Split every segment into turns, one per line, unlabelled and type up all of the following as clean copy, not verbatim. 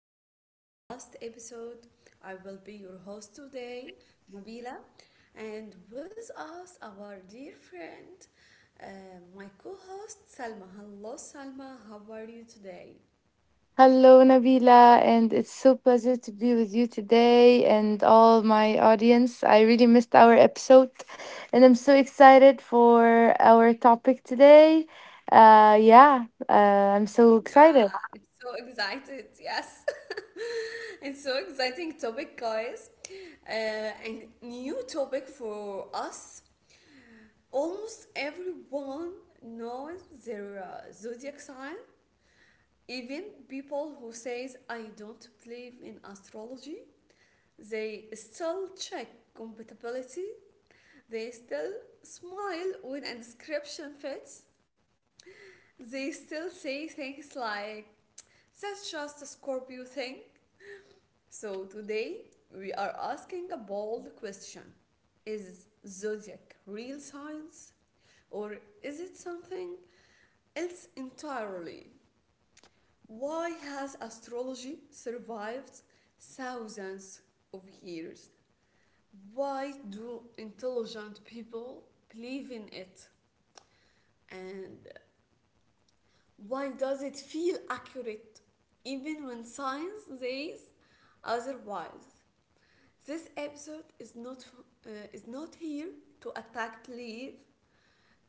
time since our last episode. I will be your host today, Nabila, and with us, our dear friend, uh, my co host, Salma. Hello, Salma, how are you today?
Hello, Nabila, and it's so pleasure to be with you today and all my audience. I really missed our episode, and I'm so excited for our topic today. Yeah, I'm so
Yeah,
excited.
I'm so excited, yes. It's so exciting topic, guys. Uh, and new topic for us. Almost everyone knows their zodiac sign. Even people who says I don't believe in astrology, they still check compatibility. They still smile when a description fits. They still say things like that's just a Scorpio thing. So today we are asking a bold question. Is zodiac real science, or is it something else entirely? Why has astrology survived thousands of years? Why do intelligent people believe in it? And why does it feel accurate even when science says otherwise? This episode is not here to attack Leave,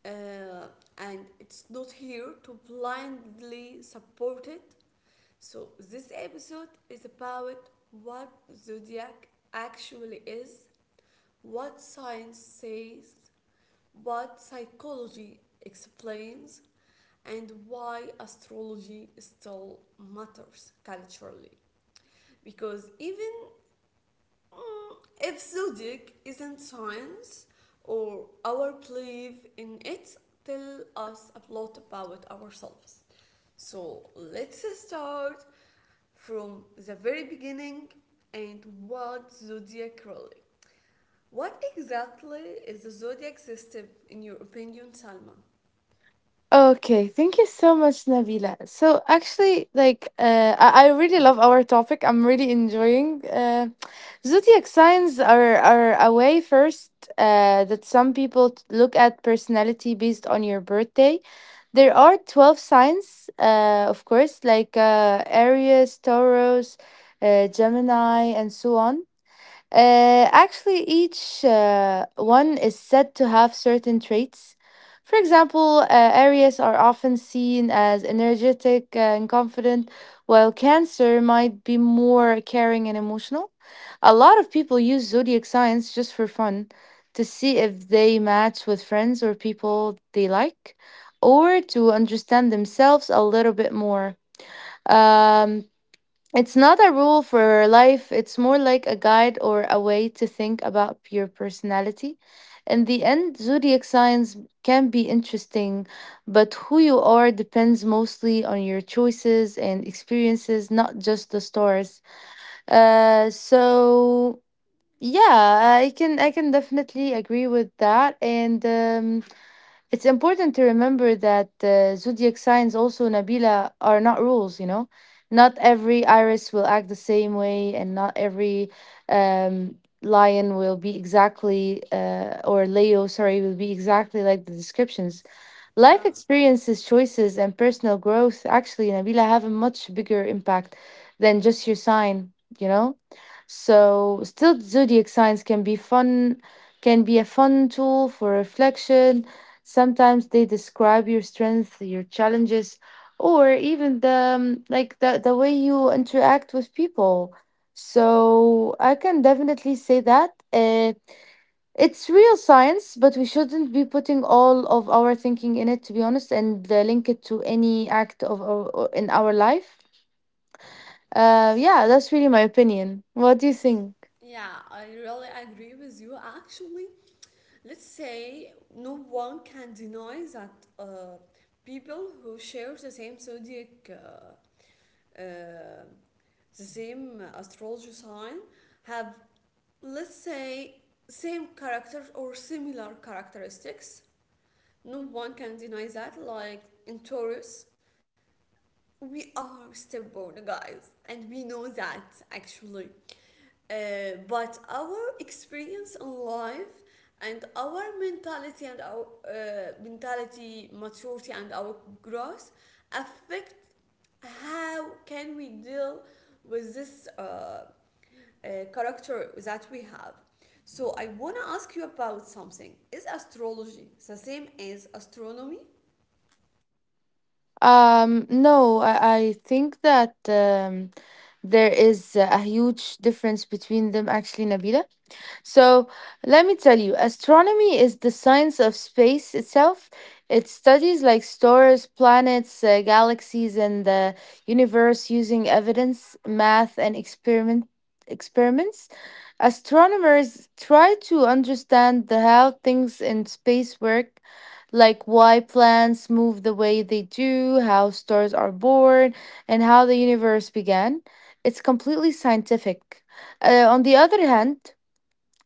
uh, and it's not here to blindly support it. So this episode is about what zodiac actually is, what science says, what psychology explains, and why astrology still matters culturally. Because even Mm, if zodiac isn't science or our belief in it, tell us a lot about ourselves. So let's start from the very beginning and what zodiac really. What exactly is the zodiac system in your opinion, Salma?
Okay, thank you so much, Nabila. So actually, like, I really love our topic. I'm really enjoying. Zodiac signs are a way first that some people look at personality based on your birthday. There are 12 signs, of course, like Aries, Taurus, Gemini, and so on. Actually, each one is said to have certain traits. For example, Aries are often seen as energetic and confident, while Cancer might be more caring and emotional. A lot of people use zodiac signs just for fun to see if they match with friends or people they like, or to understand themselves a little bit more. Um, it's not a rule for life, it's more like a guide or a way to think about your personality. In the end, zodiac signs can be interesting, but who you are depends mostly on your choices and experiences, not just the stars. So yeah, I can definitely agree with that. And it's important to remember that zodiac signs, also Nabila, are not rules, you know? Not every iris will act the same way, and not every um, lion will be exactly, or Leo, sorry, will be exactly like the descriptions. Life
Yeah.
experiences, choices, and personal growth actually, Nabila, have a much bigger impact than just your sign, you know? So, still, zodiac signs can be fun, can be a fun tool for reflection. Sometimes they describe your strength, your challenges, or even the like the way you interact with people. So I can definitely say that. It's real science, but we shouldn't be putting all of our thinking in it, to be honest, and link it to any act of our, or in our life. Yeah, that's really my opinion. What do you think?
Yeah, I really agree with you. Actually, let's say no one can deny that uh, people who share the same zodiac, the same astrology sign, have, let's say, same characters or similar characteristics. No one can deny that. Like in Taurus, we are stubborn guys and we know that actually, but our experience in life and our mentality maturity and our growth affect how can we deal with this character that we have. So I want to ask you about something. Is astrology the same as astronomy?
No, I think that there is a huge difference between them, actually, Nabila. So, let me tell you, astronomy is the science of space itself. It studies like stars, planets, galaxies, and the universe using evidence, math, and experiments. Astronomers try to understand the how things in space work, like why planets move the way they do, how stars are born, and how the universe began. It's completely scientific. On the other hand,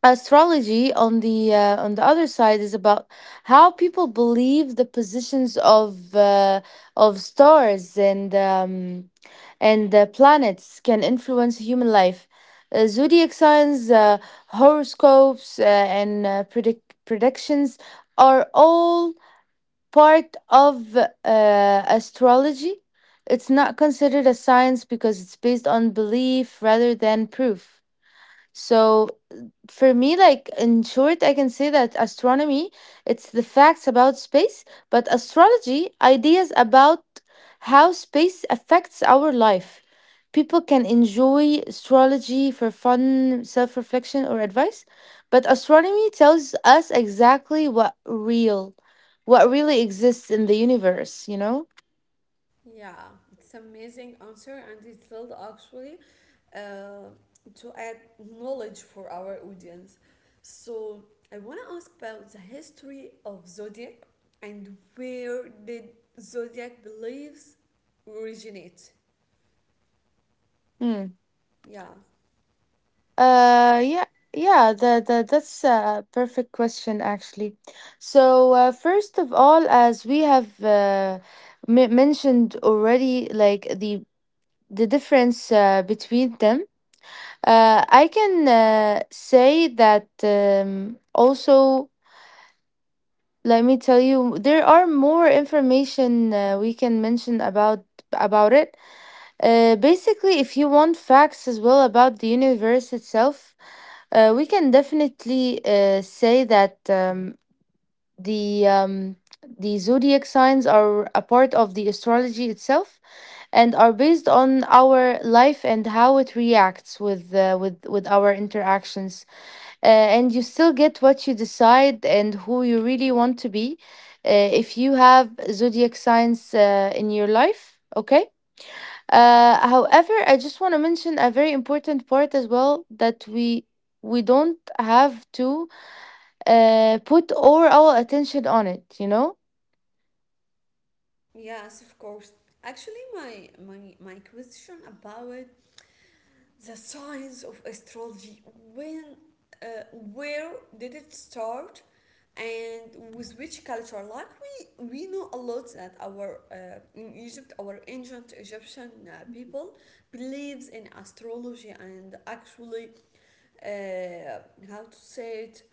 astrology on the other side is about how people believe the positions of stars and the planets can influence human life, zodiac signs, horoscopes, and predictions are all part of astrology. It's not considered a science because it's based on belief rather than proof. So for me, like, in short, I can say that astronomy, it's the facts about space, but astrology, ideas about how space affects our life. People can enjoy astrology for fun, self-reflection, or advice, but astronomy tells us exactly what real what really exists in the universe, you know.
Yeah, it's amazing answer, and it's will actually uh, to add knowledge for our audience. So I want to ask about the history of zodiac and where did zodiac beliefs originate?
Hmm.
Yeah,
Uh, yeah, that's a perfect question, actually. So, first of all, as we have mentioned already, like the difference between them, I can say that also. Let me tell you, there are more information we can mention about it. Basically, if you want facts as well about the universe itself, we can definitely say that the um, the zodiac signs are a part of the astrology itself and are based on our life and how it reacts with with our interactions. Uh, and you still get what you decide and who you really want to be if you have zodiac signs in your life. Okay, however, I just want to mention a very important part as well that we don't have to put all our attention on it, you know?
yes, of course. Actually, my question about the science of astrology, when, uh, where did it start, and with which culture? Like we know a lot that our in Egypt, our ancient Egyptian people believes in astrology and actually, uh, how to say it?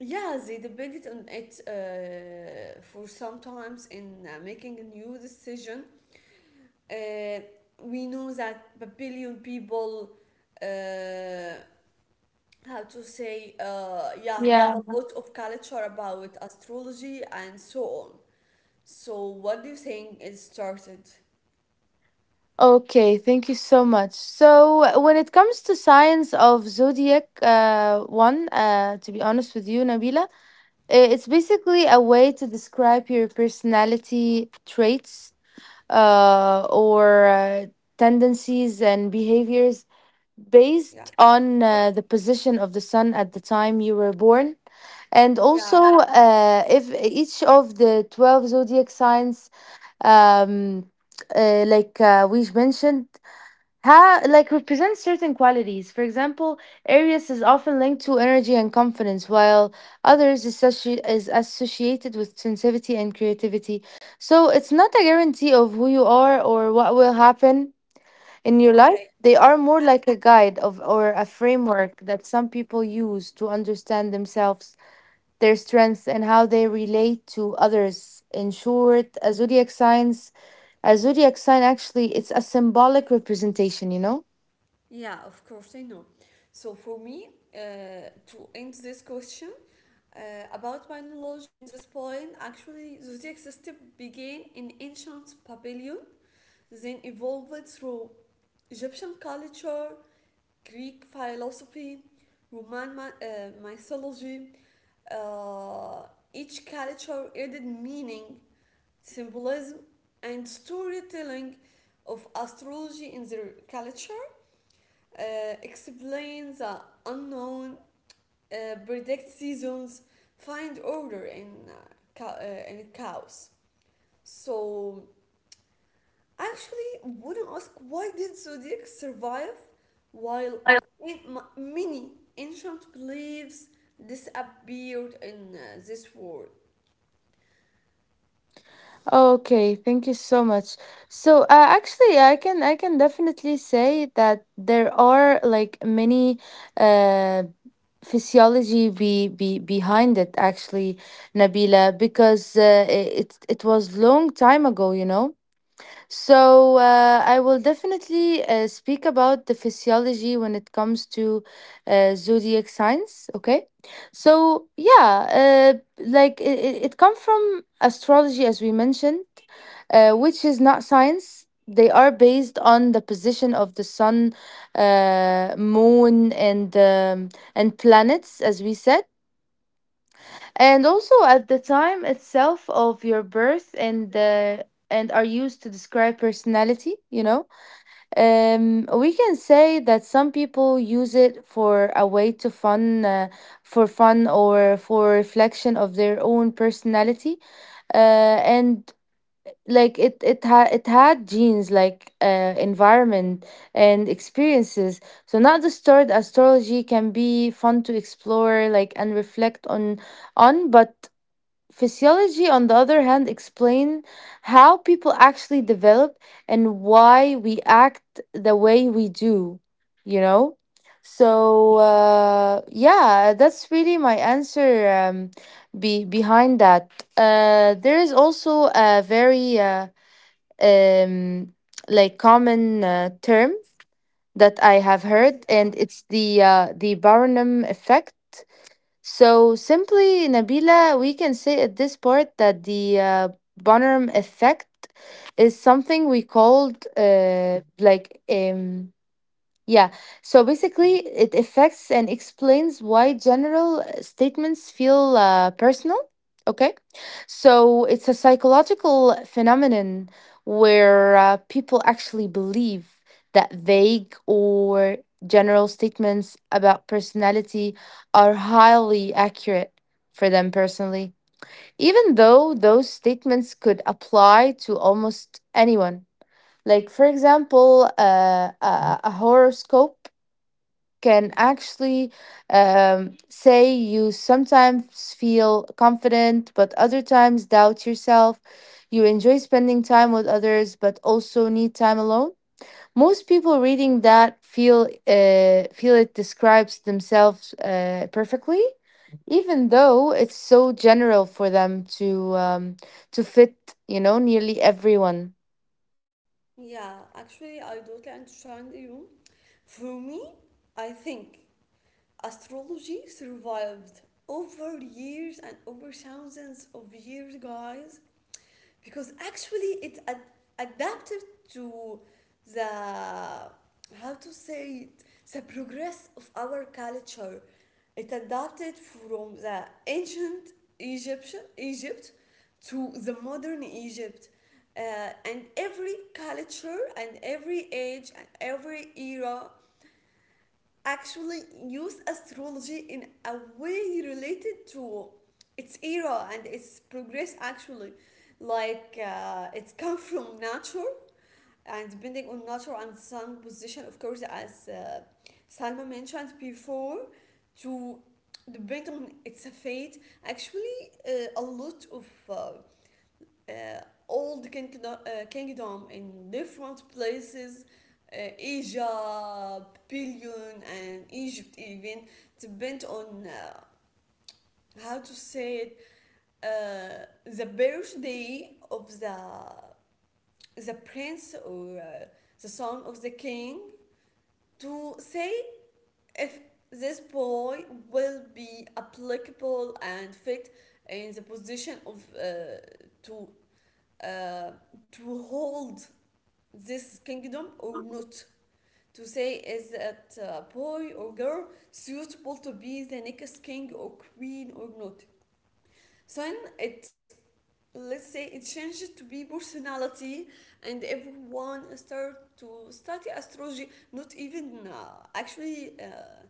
Yeah, they depended on it for sometimes in making a new decision. uh, we know that a billion people, uh, how to say, yeah, have a lot of culture about astrology and so on. So what do you think it started?
Okay, thank you so much. So, when it comes to signs of zodiac one, to be honest with you, Nabila, it's basically a way to describe your personality traits, or tendencies and behaviors
Yeah.
based on the position of the sun at the time you were born, and
Yeah.
also if each of the 12 zodiac signs, um, we mentioned, like represent certain qualities. For example, Aries is often linked to energy and confidence, while others is associated with sensitivity and creativity. So it's not a guarantee of who you are or what will happen in your
Okay.
life. They are more like a guide of or a framework that some people use to understand themselves, their strengths, and how they relate to others. In short, a zodiac sign actually, it's a symbolic representation, you know.
Yeah, of course I know. So for me, to end this question uh, about my knowledge in this point, actually zodiac system began in ancient Babylon, then evolved through Egyptian culture, Greek philosophy, Roman mythology. Uh, each culture added meaning, symbolism, and storytelling of astrology in their culture, uh, explains the unknown, predicts seasons, find order in, in chaos. So actually wouldn't ask why did Zodiac survive while in many ancient beliefs disappeared in this world?
Okay, thank you so much. So, actually, I can definitely say that there are like many uh physiology be behind it actually, Nabila, because i- it was long time ago, you know. So, I will definitely speak about the physiology when it comes to zodiac signs, okay? So, yeah, it comes from astrology as we mentioned, which is not science. They are based on the position of the sun, moon, and planets, as we said, and also at the time itself of your birth, and are used to describe personality. You know, we can say that some people use it for a way to fun, for fun or for reflection of their own personality, uh, and like it it had genes like environment and experiences. So not disturbed, astrology can be fun to explore, like, and reflect on, but physiology on the other hand explain how people actually develop and why we act the way we do, you know. So yeah, that's really my answer. Be behind that, there is also a very um, like common term that I have heard, and it's the Barnum effect. So simply, Nabila, we can say at this part that the Barnum effect is something we called. Yeah. So basically, it affects and explains why general statements feel personal. Okay. So it's a psychological phenomenon where people actually believe that vague or general statements about personality are highly accurate for them personally, even though those statements could apply to almost anyone. Like, for example, a horoscope can actually say you sometimes feel confident, but other times doubt yourself. You enjoy spending time with others, but also need time alone. Most people reading that feel it describes themselves perfectly, even though it's so general for them to fit, you know, nearly everyone.
Yeah, actually, I totally understand you. For me, I think astrology survived over years and over thousands of years, guys, because actually it adapted to the, how to say it, the progress of our culture. It adapted from the ancient Egyptian Egypt to the modern Egypt. And every culture and every age and every era actually use astrology in a way related to its era and its progress actually. Like it's come from nature and depending on nature and sun position, of course, as Salma mentioned before, to depend on its fate actually. uh, a lot of uh, old kingdom, kingdom in different places, Asia, Babylon, and Egypt even depend on, how to say it, the birthday of the prince or the son of the king to say if this boy will be applicable and fit in the position of to uh, to hold this kingdom or not. To say is that a boy or girl suitable to be the next king or queen or not. So then it, let's say it changed to be personality and everyone start to study astrology not even, actually,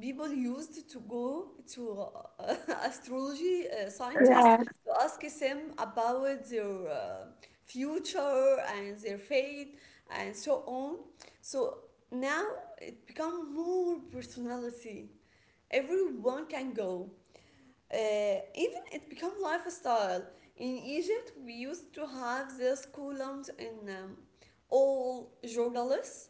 people used to go to uh, astrology scientists to ask them about their future and their fate and so on. So now it become more personality. Everyone can go. Even it become lifestyle. In Egypt, we used to have these columns in all journalists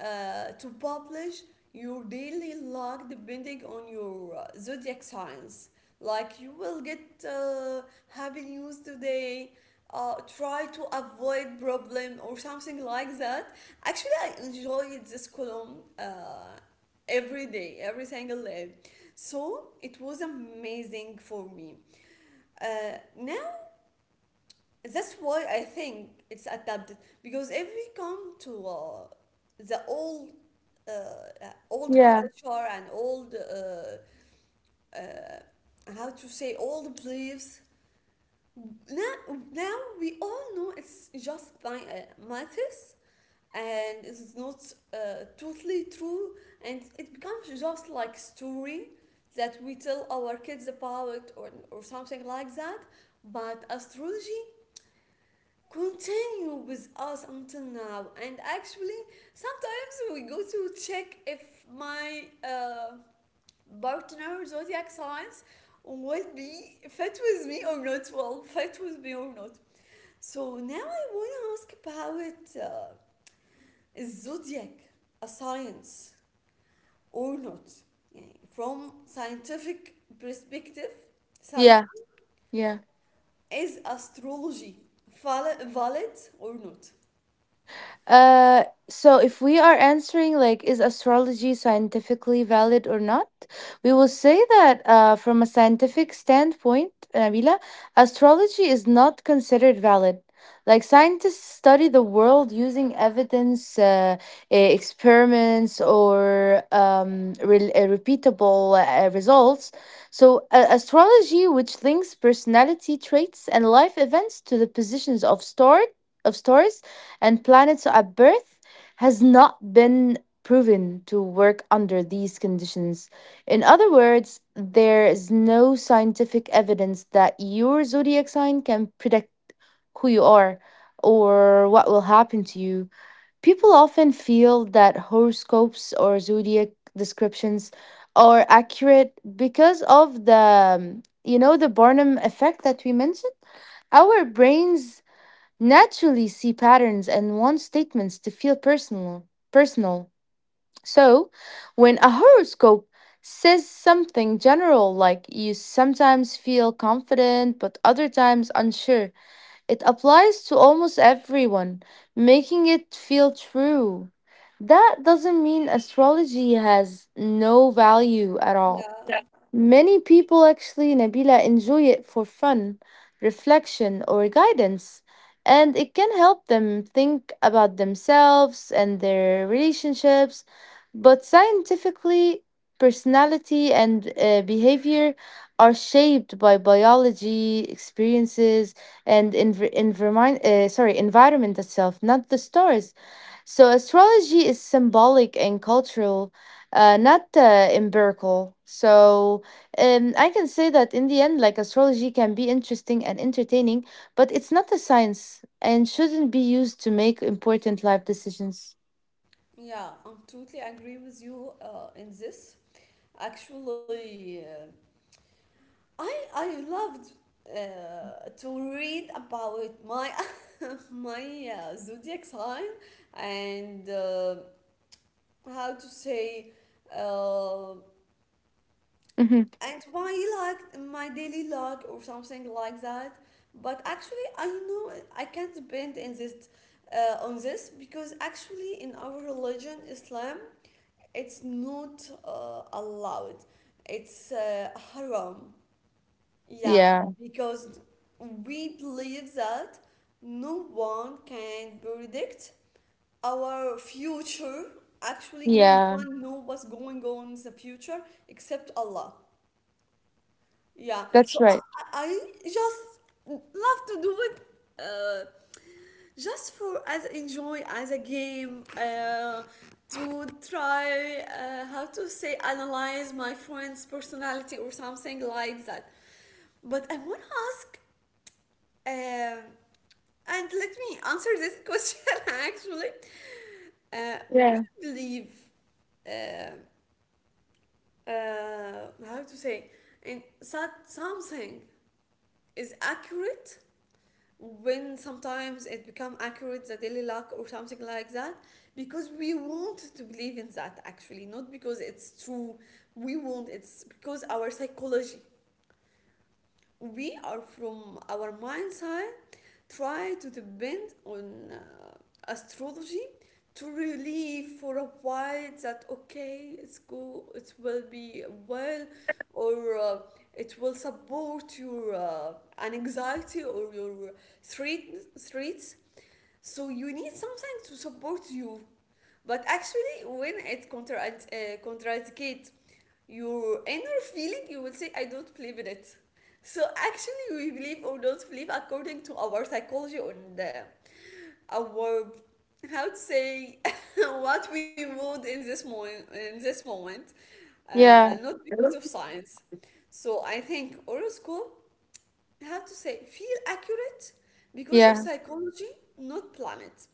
to publish your daily log depending on your zodiac signs. Like you will get happy news today. Try to avoid problem or something like that. Actually, I enjoyed this column. Every day, every single day. So it was amazing for me. Now that's why I think it's adapted, because if we come to the old
Yeah.
old culture and old uh, how to say old beliefs, now now we all know it's just by myths and it's not totally true, and it becomes just like story that we tell our kids about or something like that. But astrology continue with us until now, and actually sometimes we go to check if my partner zodiac signs will be fit with me or not, well fit with me or not. So now I want to ask about zodiac, a science or not. يعني from scientific perspective, Salma,
Yeah. Yeah.
is astrology valid or not?
So if we are answering, like, is astrology scientifically valid or not, we will say that from a scientific standpoint, Nabila, astrology is not considered valid. Like, scientists study the world using evidence, experiments, or repeatable results. So astrology, which links personality traits and life events to the positions of star of stars and planets at birth, has not been proven to work under these conditions. In other words, there is no scientific evidence that your zodiac sign can predict who you are or what will happen to you. People often feel that horoscopes or zodiac descriptions are accurate because of the you know, the Barnum effect that we mentioned. Our brains naturally see patterns and want statements to feel personal. So when a horoscope says something general, like you sometimes feel confident but other times unsure, it applies to almost everyone, making it feel true. That doesn't mean astrology has no value at all.
Yeah,
Many people actually, Nabila, enjoy it for fun, reflection, or guidance, and it can help them think about themselves and their relationships. But scientifically, personality and behavior are shaped by biology, experiences, and environment, sorry, environment itself, not the stars. So astrology is symbolic and cultural, not empirical. So I can say that in the end, like, astrology can be interesting and entertaining, but it's not a science and shouldn't be used to make important life decisions.
yeah, I totally agree with you in this. Actually, I loved to read about my my zodiac sign and, how to say, uh,
Mhm.
and why, like my daily log or something like that. But actually I know I can't depend in this on this, because actually in our religion Islam it's not allowed, it's haram. Yeah,
Yeah,
because we believe that no one can predict our future. Actually no
yeah,
one knows what's going on in the future except Allah. Yeah,
that's
so I,
right.
I I just love to do it, uh, just for as enjoy as a game, to try, how to say, analyze my friend's personality or something like that. But I want to ask, um and let me answer this question actually. We
Yeah,
believe, uh, how to say, in that something is accurate when sometimes it become accurate the daily luck or something like that, because we want to believe in that actually, not because it's true, we want it's because our psychology. We are from our mind side try to depend on astrology to relieve for a while that okay it's go it will be well, or it will support your anxiety or your threat, threats. So you need something to support you. But actually when it uh, contradicts your inner feeling you will say I don't believe in it. So actually, we believe or don't believe according to our psychology and, our, how to say, what we want in this moment. In this moment,
yeah,
not because of science. So I think horoscope, how to say, feel accurate because of
yeah.
psychology, not planet.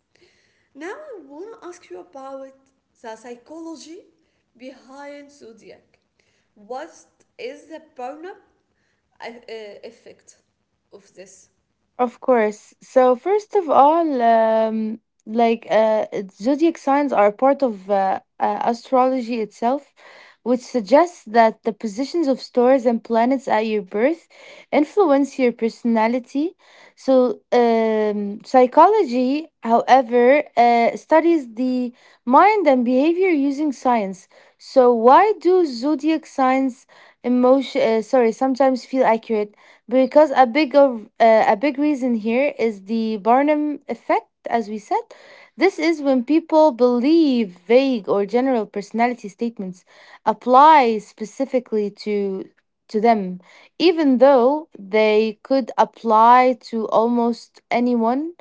Now I want to ask you about the psychology behind zodiac. What is the burn-up effect of this?
Of course. So first of all, like uh, zodiac signs are part of astrology itself, which suggests that the positions of stars and planets at your birth influence your personality. So psychology, however, studies the mind and behavior using science. So why do zodiac signs emotion? Sorry, sometimes feel accurate? Because a big reason here is the Barnum effect, as we said. This is when people believe vague or general personality statements apply specifically to them even though they could apply to almost anyone.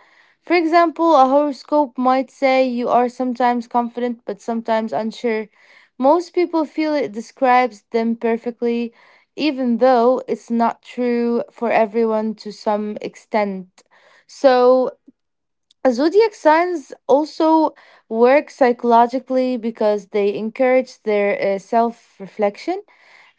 For example, a horoscope might say you are sometimes confident but sometimes unsure. Most people feel it describes them perfectly, even though it's not true for everyone to some extent. So Zodiac signs also work psychologically because they encourage their self reflection.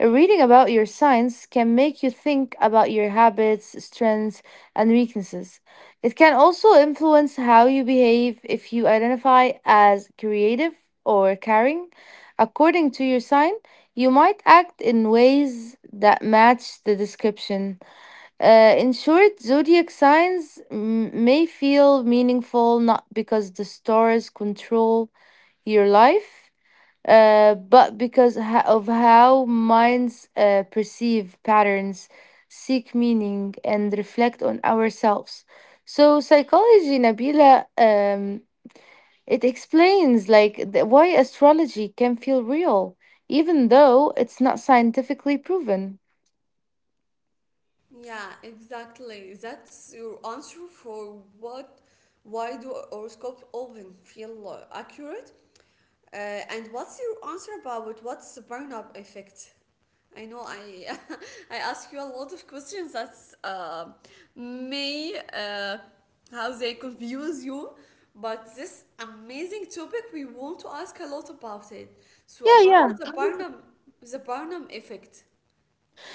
Reading about your signs can make you think about your habits, strengths, and weaknesses. It can also influence how you behave if you identify as creative or caring. According to your sign, you might act in ways that match the description. In short, zodiac signs may feel meaningful not because the stars control your life, but because of how minds perceive patterns, seek meaning, and reflect on ourselves. So, psychology, Nabila, it explains why astrology can feel real, even though it's not scientifically proven.
Yeah, exactly. That's your answer for what why do horoscopes often feel accurate? Uh, and what's your answer about what's the burn-up effect? I know I I ask you a lot of questions that's may how they confuse you, but this amazing topic we want to ask a lot about it. So
Yeah, yeah.
about the Barnum effect,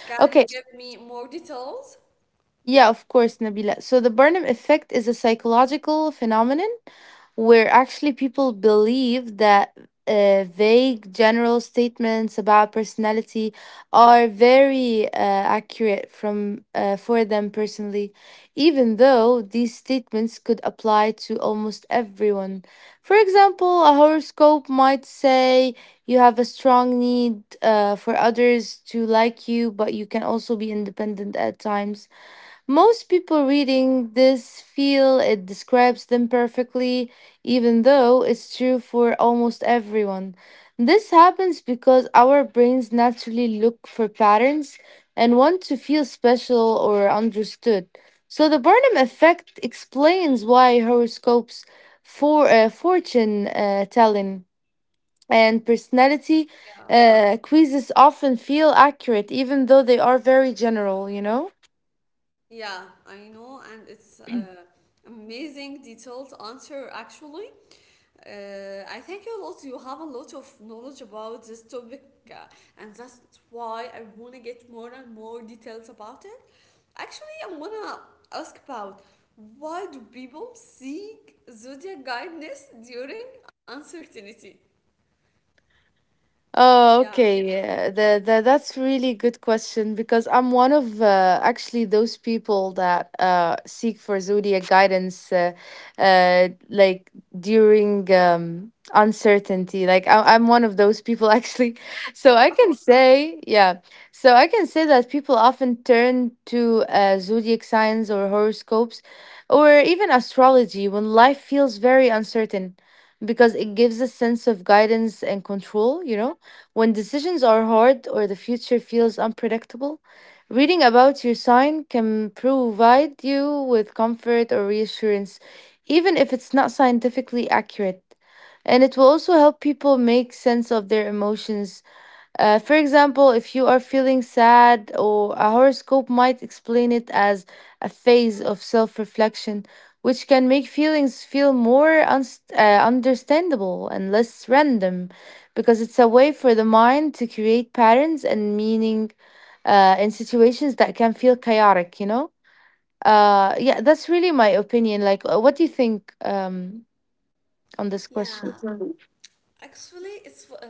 can you
Okay.
give me more details?
Yeah, of course, Nabila. So the Barnum effect is a psychological phenomenon where actually people believe that vague general statements about personality are very accurate from for them personally, even though these statements could apply to almost everyone. For example, a horoscope might say you have a strong need for others to like you, but you can also be independent at times. Most people reading this feel it describes them perfectly, even though it's true for almost everyone. This happens because our brains naturally look for patterns and want to feel special or understood. So the Barnum effect explains why horoscopes, fortune telling, and personality
Yeah,
quizzes often feel accurate, even though they are very general. You know.
yeah, I know, and it's amazing detailed answer actually. I think a lot you have a lot of knowledge about this topic, uh, and that's why I wanna get more and more details about it. Actually, I wanna ask about why do people seek zodiac guidance during uncertainty? Yeah,
Oh, okay. That's really good question because I'm one of actually those people that seek for zodiac guidance, like during uncertainty. Like I'm one of those people actually.
wow.
So I can say, yeah. So I can say that people often turn to zodiac signs or horoscopes, or even astrology when life feels very uncertain because it gives a sense of guidance and control, you know? When decisions are hard or the future feels unpredictable, reading about your sign can provide you with comfort or reassurance, even if it's not scientifically accurate. And it will also help people make sense of their emotions. For example, if you are feeling sad, or a horoscope might explain it as a phase of self reflection, which can make feelings feel more uns understandable and less random, because it's a way for the mind to create patterns and meaning in situations that can feel chaotic, you know? Yeah, that's really my opinion. Like, what do you think on this question?
Yeah. Actually, it's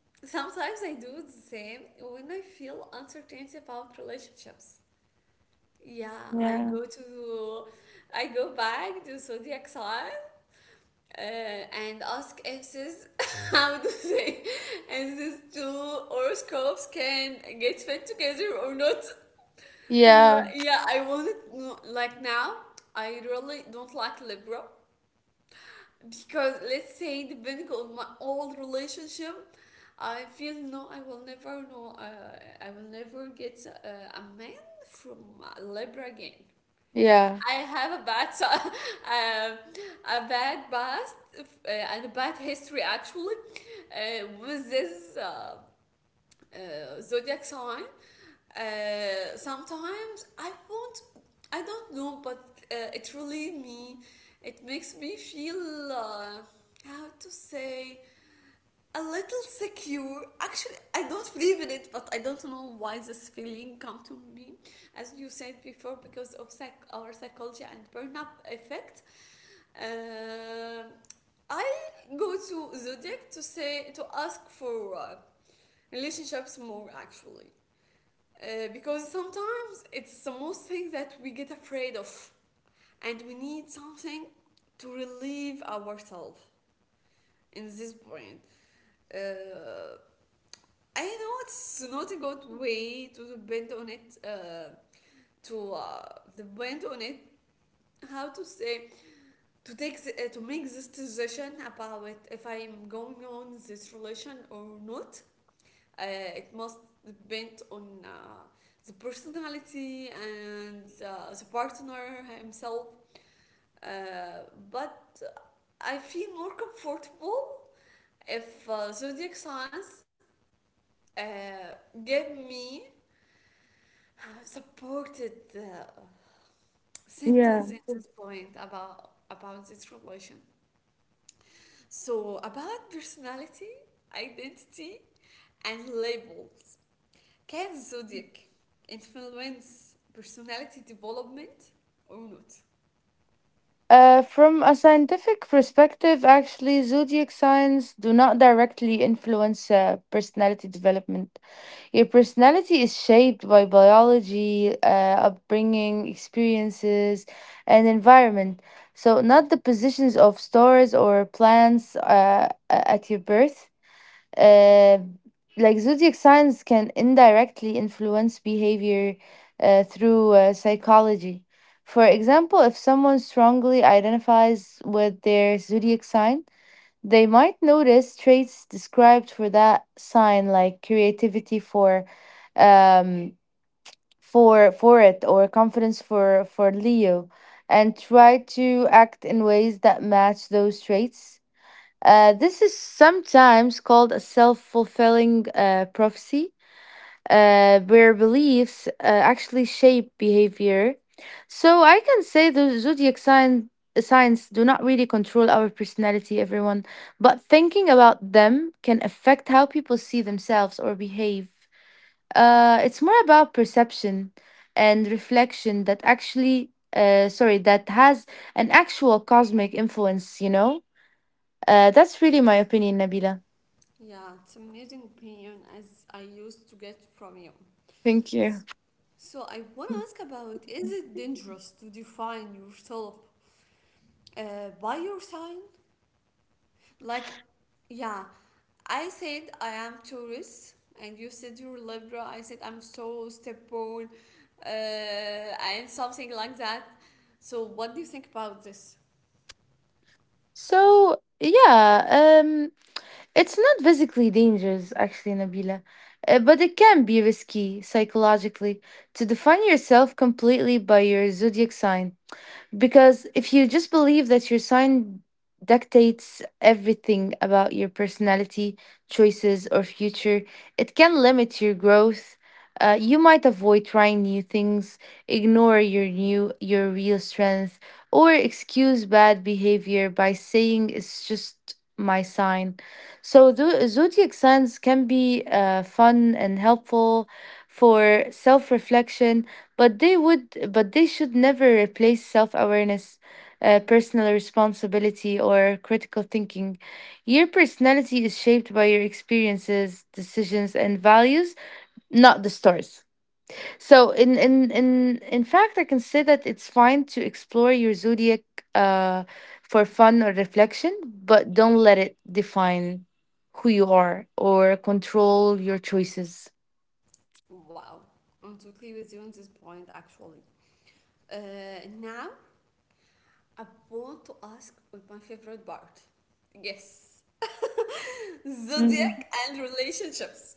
sometimes I do the same when I feel uncertainty about relationships. Yeah, I
Yeah.
go to I go back to zodiac sign, and ask if this how do they, and these two horoscopes can get fit together or not.
Yeah.
Yeah, I want it no- like now. I really don't like Libra. Because let's say, depending on my old relationship, I feel no I will never know I will never get a man from Libra again.
Yeah.
I have a bad a bad past, and a bad history actually, with this zodiac sign. Sometimes I want, I don't know, but it really me, it makes me feel, how to say, a little secure. Actually, I don't believe in it, but I don't know why this feeling come to me, as you said before, because of our psychology and burn up effect. Uh, I go to Zodiac to say to ask for relationships more actually, because sometimes it's the most thing that we get afraid of, and we need something to relieve ourselves in this point. uh, I know it's not a good way to depend on it, to depend on it, how to say, to take the, to make this decision about if I'm going on this relation or not. It must depend on the personality and the partner himself. Uh, but I feel more comfortable if zodiac signs uh, give me a supported
Yeah.
sentence at this point about this relation. So about personality, identity, and labels. Can zodiac influence personality development or not?
From a scientific perspective, actually, zodiac signs do not directly influence personality development. Your personality is shaped by biology, upbringing, experiences, and environment. So, not the positions of stars or planets at your birth. Uh, like zodiac signs can indirectly influence behavior through psychology. For example, if someone strongly identifies with their zodiac sign, they might notice traits described for that sign, like creativity for, um, for it, or confidence for Leo, and try to act in ways that match those traits. This is sometimes called a self fulfilling prophecy, where beliefs actually shape behavior. So I can say the signs do not really control our personality, everyone, but thinking about them can affect how people see themselves or behave. It's more about perception and reflection that actually, that has an actual cosmic influence, you know? That's really my opinion, Nabila.
Yeah, it's amazing opinion as I used to get from you.
Thank you.
So I want to ask about, is it dangerous to define yourself by your sign? Like, yeah, I said I am Taurus and you said you're Libra. I said I'm so stubborn, and something like that. So what do you think about this?
So yeah, um, it's not physically dangerous actually, Nabila, but it can be risky psychologically to define yourself completely by your zodiac sign. Because if you just believe that your sign dictates everything about your personality, choices, or future, it can limit your growth. You might avoid trying new things, ignore your real strength, or excuse bad behavior by saying it's just my sign. So the zodiac signs can be fun and helpful for self-reflection, but they would but they should never replace self-awareness, personal responsibility, or critical thinking. Your personality is shaped by your experiences, decisions, and values, not the stars. So in fact, I can say that it's fine to explore your zodiac uh, for fun or reflection, but don't let it define who you are or control your choices.
Wow, I'm totally with you on this point actually. Now, I want to ask what my favorite part. Yes, zodiac and relationships.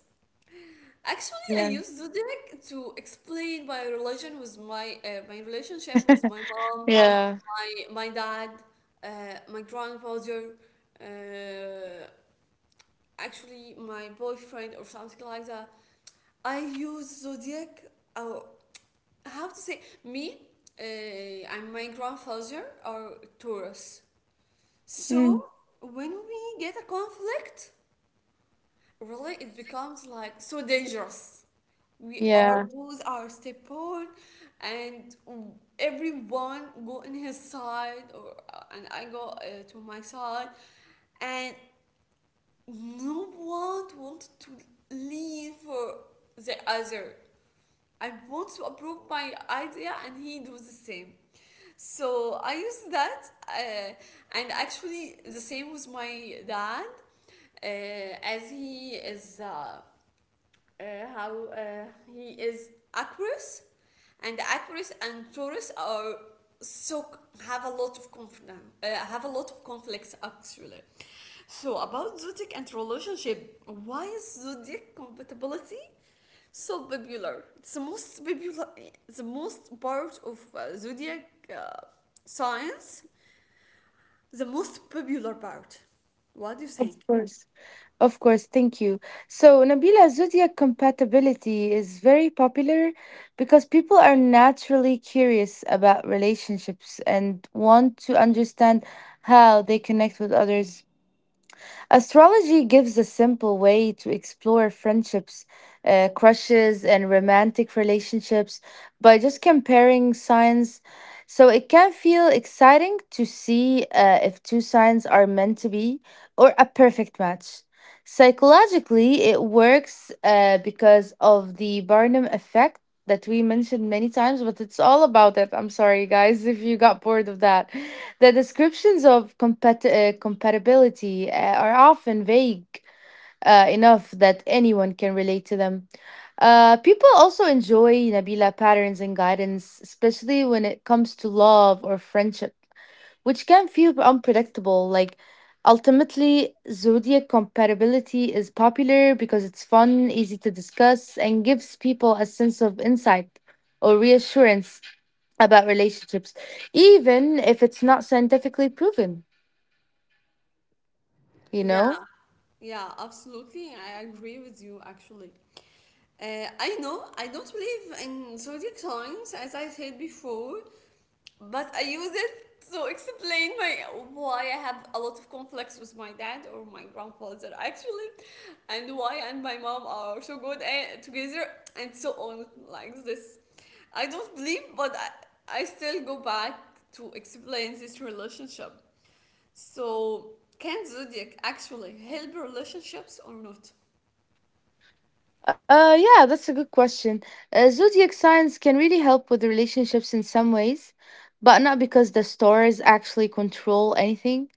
Actually, I use zodiac to explain my relation with my relationship with my mom,
Yeah.
my dad, my grandfather, uh, actually my boyfriend or something like that. I use zodiac, uh, how to say, me I'm my grandfather are Taurus, so
Mm,
when we get a conflict, really it becomes like so dangerous. We are
yeah,
both are step on, and everyone go in his side or, and I go to my side, and no one wanted to leave for the other. I want to approve my idea, and he does the same. So I used that, uh, and actually the same with my dad, as he is. Uh, how he is Aquarius, and Aquarius and Taurus are so have a lot of conflict. Have a lot of conflicts actually. So about zodiac and relationship, why is zodiac compatibility so popular? It's the most popular, the most part of zodiac science, the most popular part. What do you
of
think?
course. Of course, thank you. So, Nabila, zodiac compatibility is very popular because people are naturally curious about relationships and want to understand how they connect with others. Astrology gives a simple way to explore friendships, crushes, and romantic relationships by just comparing signs. So it can feel exciting to see if two signs are meant to be or a perfect match. Psychologically, it works because of the Barnum effect that we mentioned many times, but it's all about it. I'm sorry, guys, if you got bored of that. The descriptions of compatibility are often vague enough that anyone can relate to them. People also enjoy Nabila patterns and guidance, especially when it comes to love or friendship, which can feel unpredictable. Like, ultimately, zodiac compatibility is popular because it's fun, easy to discuss, and gives people a sense of insight or reassurance about relationships, even if it's not scientifically proven, you know?
Yeah, yeah, absolutely. I agree with you actually. I know I don't believe in zodiac signs as I said before, but I use it to explain my why I have a lot of conflicts with my dad or my grandfather actually, and why and my mom are so good at, together, and so on like this. I don't believe, but I still go back to explain this relationship. So, can zodiac actually help relationships or not?
Yeah, that's a good question. Zodiac signs can really help with the relationships in some ways, but not because the stars actually control anything.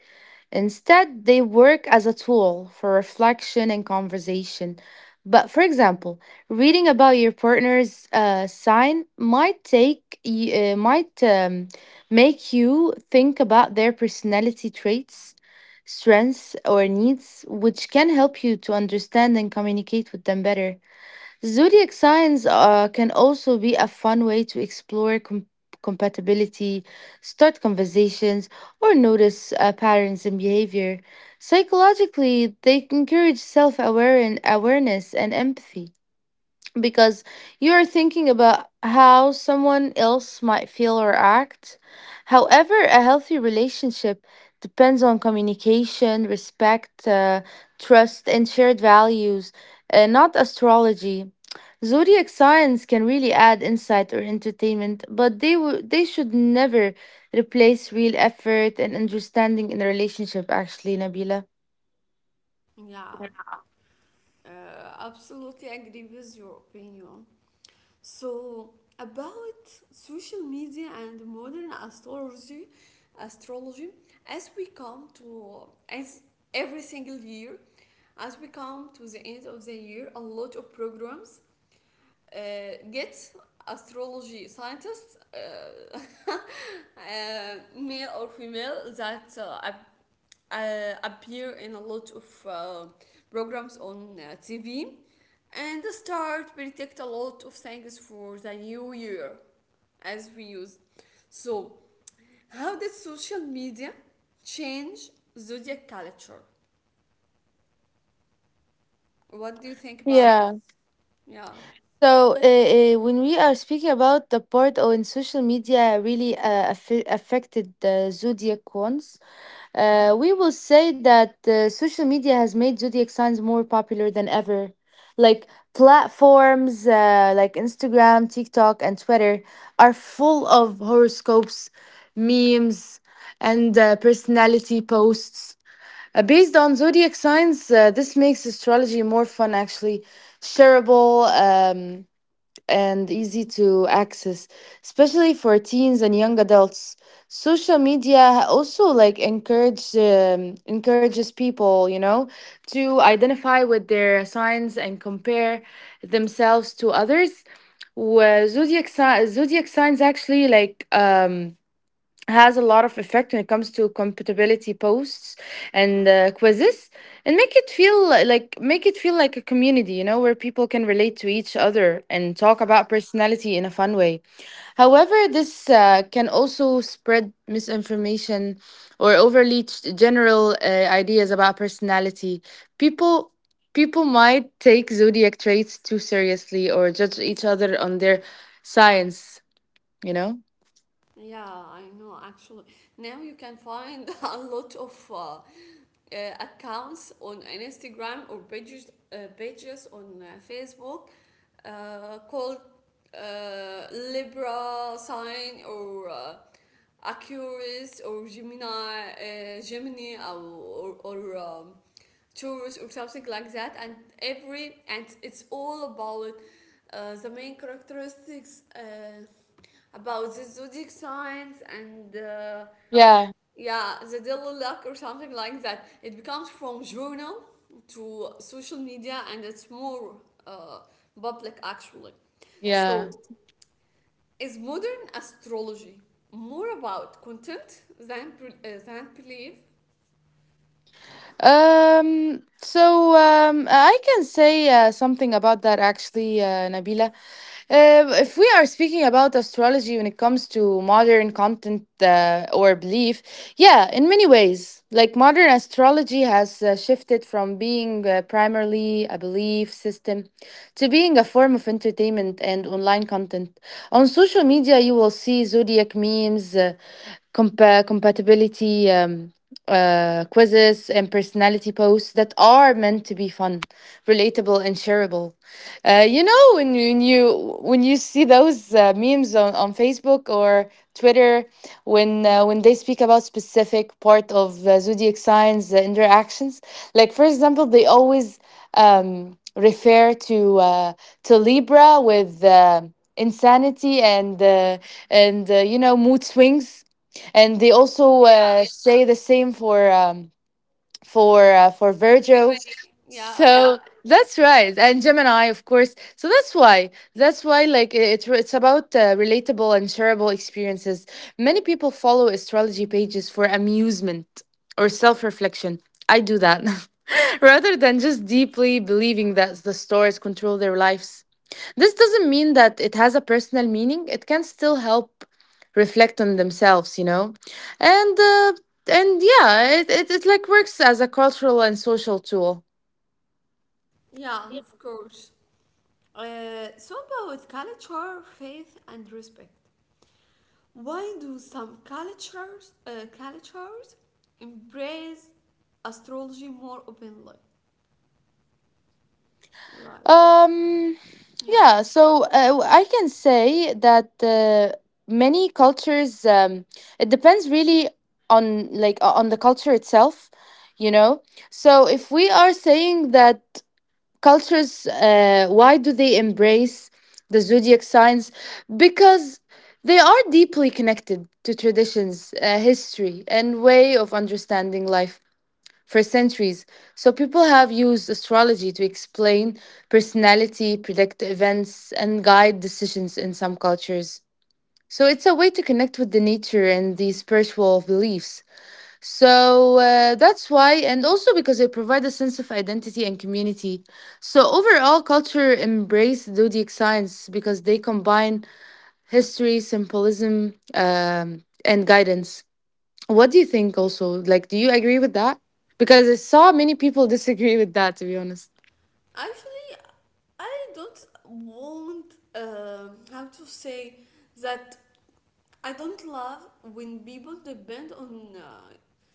Instead, they work as a tool for reflection and conversation. But for example, reading about your partner's sign might make you think about their personality traits, strengths, or needs, which can help you to understand and communicate with them better. Zodiac signs can also be a fun way to explore compatibility, start conversations, or notice patterns in behavior. Psychologically, they encourage self awareness and empathy because you are thinking about how someone else might feel or act. However, a healthy relationship depends on communication, respect, trust, and shared values, not astrology. Zodiac signs can really add insight or entertainment, but they should never replace real effort and understanding in a relationship. Actually, Nabila.
Yeah, uh, absolutely agree with your opinion. So, about social media and modern astrology, astrology, as we come to as every single year, as we come to the end of the year, a lot of programs get astrology scientists, male or female, that appear in a lot of programs on TV, and start predict a lot of things for the new year, as we use. So, how did social media change zodiac culture? What do you think about this?
Yeah.
Yeah.
So, when we are speaking about the part on social media really affected the zodiac ones, we will say that social media has made zodiac signs more popular than ever. Like platforms like Instagram, TikTok, and Twitter are full of horoscopes, memes, and personality posts. Based on zodiac signs, this makes astrology more fun, actually shareable. Um, and easy to access, especially for teens and young adults. Social media also like encourages people, you know, to identify with their signs and compare themselves to others. Where zodiac signs actually like has a lot of effect when it comes to compatibility posts and quizzes, and make it feel like a community, you know, where people can relate to each other and talk about personality in a fun way. However, this can also spread misinformation or general ideas about personality. People people might take zodiac traits too seriously or judge each other on their science, you know?
Yeah, I know actually. Now you can find a lot of accounts on Instagram or pages, pages on Facebook, called Libra sign or Aquarius or Gemini, Gemini or Taurus or something like that. And every and it's all about the main characteristics. About the zodiac signs and
Yeah,
yeah, the daily luck or something like that. It becomes from journal to social media and it's more uh, public actually.
yeah.
So, is modern astrology more about content than than belief?
So I can say something about that actually, Nabila. If we are speaking about astrology when it comes to modern content or belief, yeah, in many ways, like modern astrology has shifted from being primarily a belief system to being a form of entertainment and online content. On social media, you will see zodiac memes, compatibility. Quizzes and personality posts that are meant to be fun, relatable, and shareable. You know, when you see those memes on Facebook or Twitter, when they speak about specific part of zodiac signs interactions, like for example, they always refer to Libra with. Insanity and you know, mood swings, and they also
Yeah,
say the same for for Virgil,
Germany. Yeah,
so that's right, and Gemini, of course. So that's why, like it's about relatable and shareable experiences. Many people follow astrology pages for amusement or self reflection. I do that, rather than just deeply believing that the stars control their lives. This doesn't mean that it has a personal meaning. It can still help reflect on themselves, and uh, and yeah, it like works as a cultural and social tool.
yeah, of course. So about culture, faith, and respect. Why do some cultures embrace astrology more openly? Like,
Um,
yeah.
yeah, so I can say that many cultures, it depends really on on the culture itself, you know. So if we are saying that cultures, why do they embrace the zodiac signs? Because they are deeply connected to traditions, history, and way of understanding life for centuries. So people have used astrology to explain personality, predict events, and guide decisions in some cultures. So it's a way to connect with the nature and the spiritual beliefs. So that's why, and also because it provides a sense of identity and community. So overall, culture embrace zodiac science because they combine history, symbolism, and guidance. What do you think also? Like, do you agree with that? Because I saw many people disagree with that, to be honest.
Actually, I don't want, um, how to say, that I don't love when people depend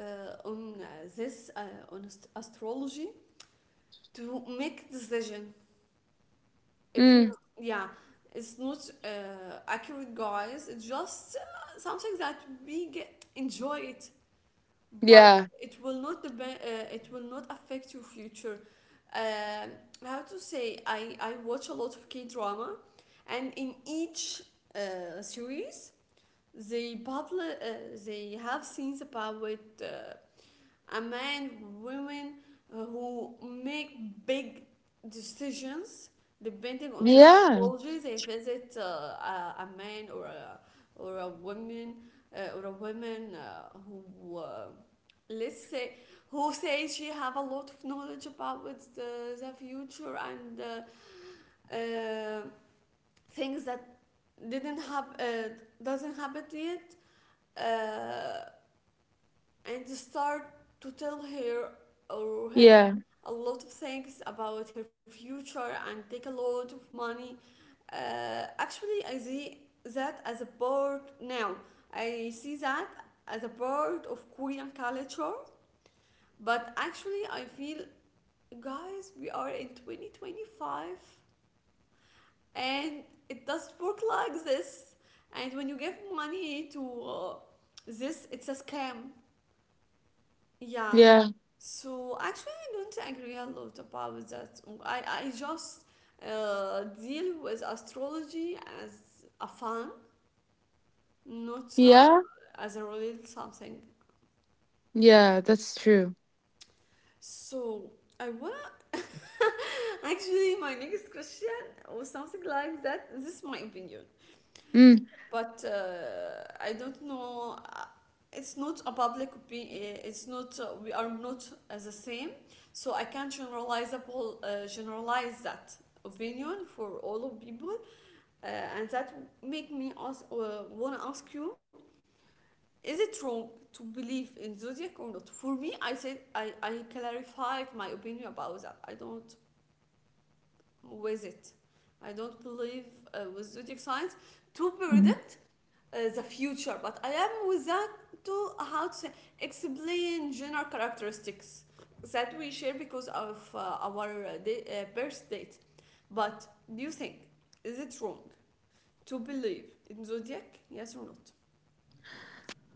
on this on astrology to make decision, if you,
Mm,
yeah, it's not accurate, guys. It's just something that we get enjoy it, but
yeah.
it will not depend, it will not affect your future. Um, how to say, I watch a lot of K drama, and in each series they public, they have scenes about uh, a man, women who make big decisions depending on their
Yeah.
astrology. They visit a man or a woman who let's say, who says she have a lot of knowledge about with the future, and uh, things that didn't have, doesn't happen yet. Uh, and start to tell her or him
Yeah.
a lot of things about her future and take a lot of money. Actually, I see that as a part now. I see that as a part of Korean culture, but actually, I feel, guys, we are in 2025, and it doesn't work like this. And when you give money to this, it's a scam. Yeah.
Yeah.
So actually, I don't agree a lot about that. I just deal with astrology as a fun, not
Yeah.
as a real something.
Yeah. That's true.
So I wanna actually my next question or something like that. This is my opinion.
Mm.
But I don't know. It's not a public opinion. It's not. We are not the same, so I can't generalize that opinion for all of people, and that make me ask, wanna ask you: is it wrong to believe in zodiac or not? For me, I said I clarified my opinion about that. I don't with it. I don't believe with zodiac signs to predict the future, but I am without to how to explain general characteristics that we share because of our birth date. But do you think, is it wrong to believe in zodiac? Yes or not?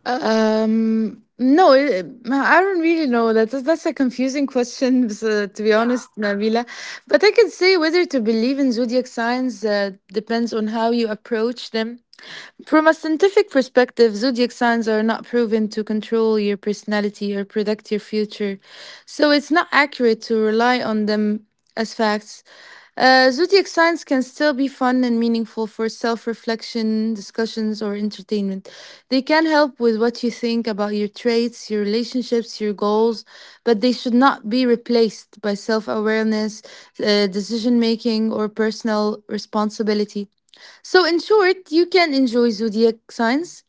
No, I don't really know. That's a confusing question, so- to be
Yeah.
honest, Nabila. But I can say whether to believe in zodiac signs depends on how you approach them. From a scientific perspective, zodiac signs are not proven to control your personality or predict your future, so it's not accurate to rely on them as facts. Zodiac signs can still be fun and meaningful for self reflection, discussions, or entertainment. They can help with what you think about your traits, your relationships, your goals, but they should not be replaced by self awareness, decision making, or personal responsibility. So, in short, you can enjoy zodiac signs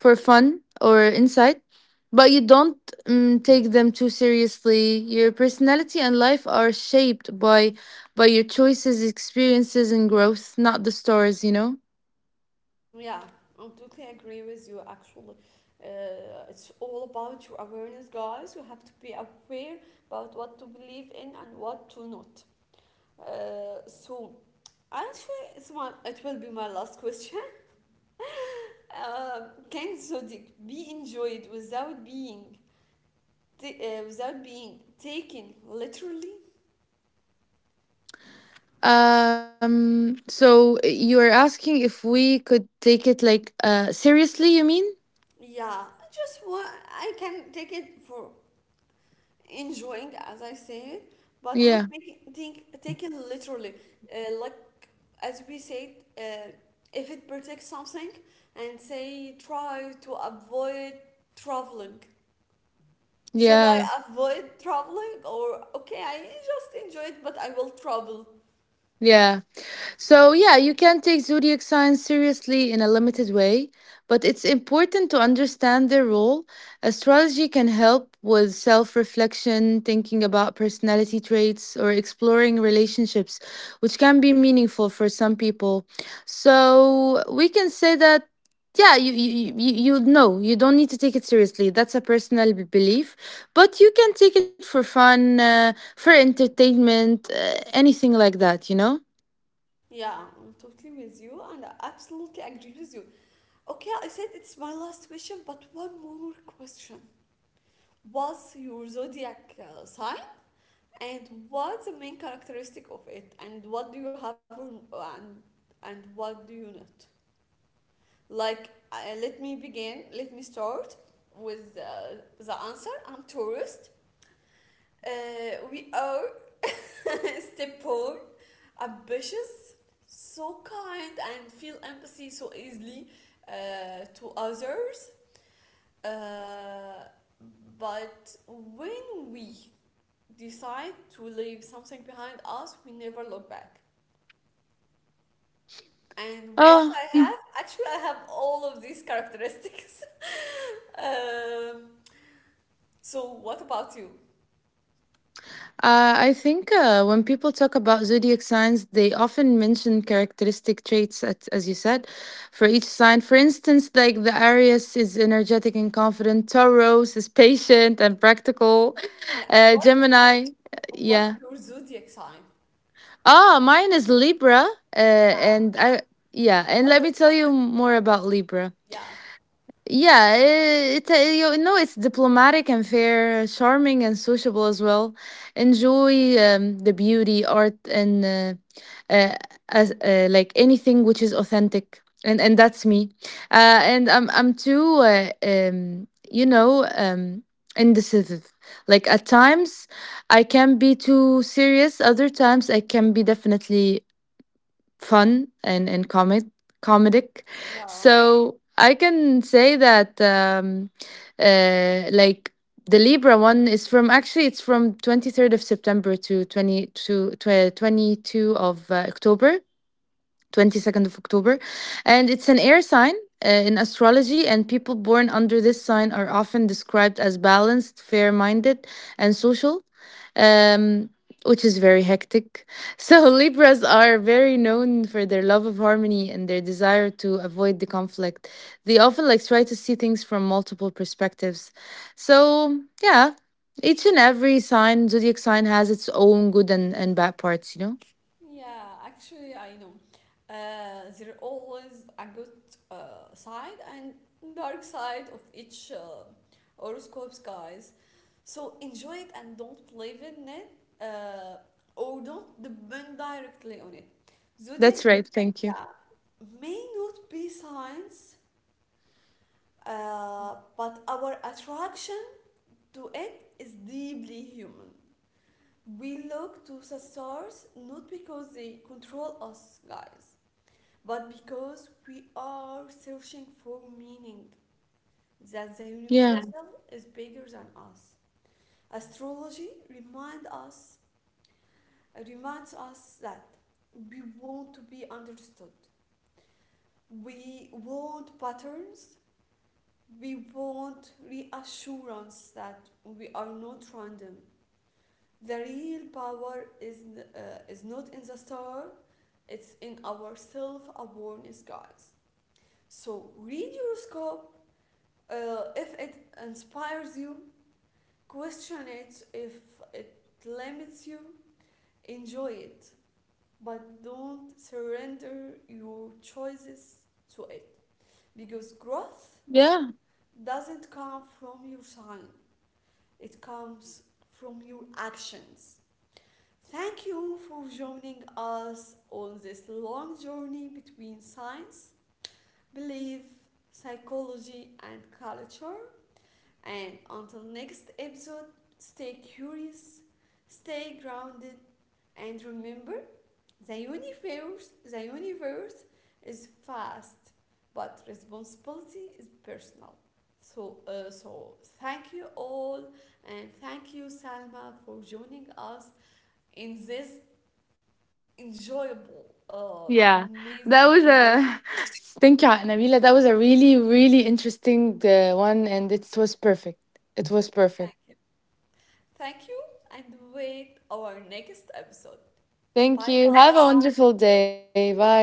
for fun or insight, but you don't take them too seriously. Your personality and life are shaped by your choices, experiences, and growth, not the stars. You know.
Yeah, I totally agree with you. Actually, it's all about your awareness, guys. You have to be aware about what to believe in and what to not. So, actually, it's my, it will be my last question. Can zodiac be enjoyed without being without being taken literally?
So you are asking if we could take it like seriously? You mean?
Yeah, I just want I can take it for enjoying, as I said, but not
Yeah.
making think taken literally. Like, as we said, uh, if it protects something and say try to avoid traveling. Should I
Yeah.
avoid traveling, or okay, I just enjoy it, but I will travel.
Yeah. So, yeah, you can take zodiac signs seriously in a limited way, but it's important to understand their role. Astrology can help with self reflection, thinking about personality traits, or exploring relationships, which can be meaningful for some people. So, we can say that. Yeah, you know you don't need to take it seriously. That's a personal b- belief, but you can take it for fun, for entertainment, anything like that. You know.
Yeah, I'm totally with you and I absolutely agree with you. Okay, I said it's my last question, but one more question. What's your zodiac sign? And what's the main characteristic of it? And what do you have and and what do you not? Like, let me begin. Let me start with the answer. I'm tourist. We are step poor, ambitious, so kind, and feel empathy so easily to others. Uh, but when we decide to leave something behind us, we never look back. And what
Oh.
I have, actually, I have all of these characteristics. um, so, what about you?
I think when people talk about zodiac signs, they often mention characteristic traits, as you said, for each sign. For instance, like the Aries is energetic and confident, Taurus is patient and practical,
Yeah,
uh, Gemini,
what's
yeah.
your zodiac sign?
Ah, mine is Libra, uh, and I, yeah, and
What?
let
The,
me tell you more about Libra.
yeah,
You know it's diplomatic and fair, charming and sociable as well. Enjoy the beauty, art, and uh, like anything which is authentic, and that's me. And I'm too, you know, indecisive. Like at times, I can be too serious. Other times, I can be definitely fun and comic comedic.
yeah,
So I can say that like the Libra one is from actually it's from 23rd of September to 22 of October 22nd of October. And it's an air sign in astrology, and people born under this sign are often described as balanced, fair minded, and social. Um, which is very hectic. So, Libras are very known for their love of harmony and their desire to avoid the conflict. They often try to see things from multiple perspectives. So, yeah, each and every sign, zodiac sign, has its own good and bad parts, you know?
yeah. Actually, I know. There are always a good side and dark side of each horoscopes, guys. So enjoy it and don't believe in it, uh, or don't depend directly on it. Zodiac,
That's right. Thank you.
yeah, may not be science, but our attraction to it is deeply human. We look to the stars not because they control us, guys, but because we are searching for meaning, that the
Yeah.
universal is bigger than us. Astrology remind us, reminds us that we want to be understood. We want patterns. We want reassurance that we are not random. The real power uh, is not in the star, it's in our self awareness, guys. So read your scope, if it inspires you, question it if it limits you, enjoy it, but don't surrender your choices to it, because growth
Yeah,
doesn't come from your sign. It comes from your actions. Thank you for joining us on this long journey between science, belief, psychology, and culture. And until next episode, stay curious, stay grounded, and remember, the universe is vast, but responsibility is personal. So, thank you all, and thank you, Salma, for joining us in this enjoyable,
yeah.
amazing
That was
conversation.
a thank you, Nabila. That was a really, really interesting one, and it was perfect. It was
Thank you.
perfect.
Thank you, and wait our next episode. Bye
Thank you. Have
bye.
a wonderful day. Bye.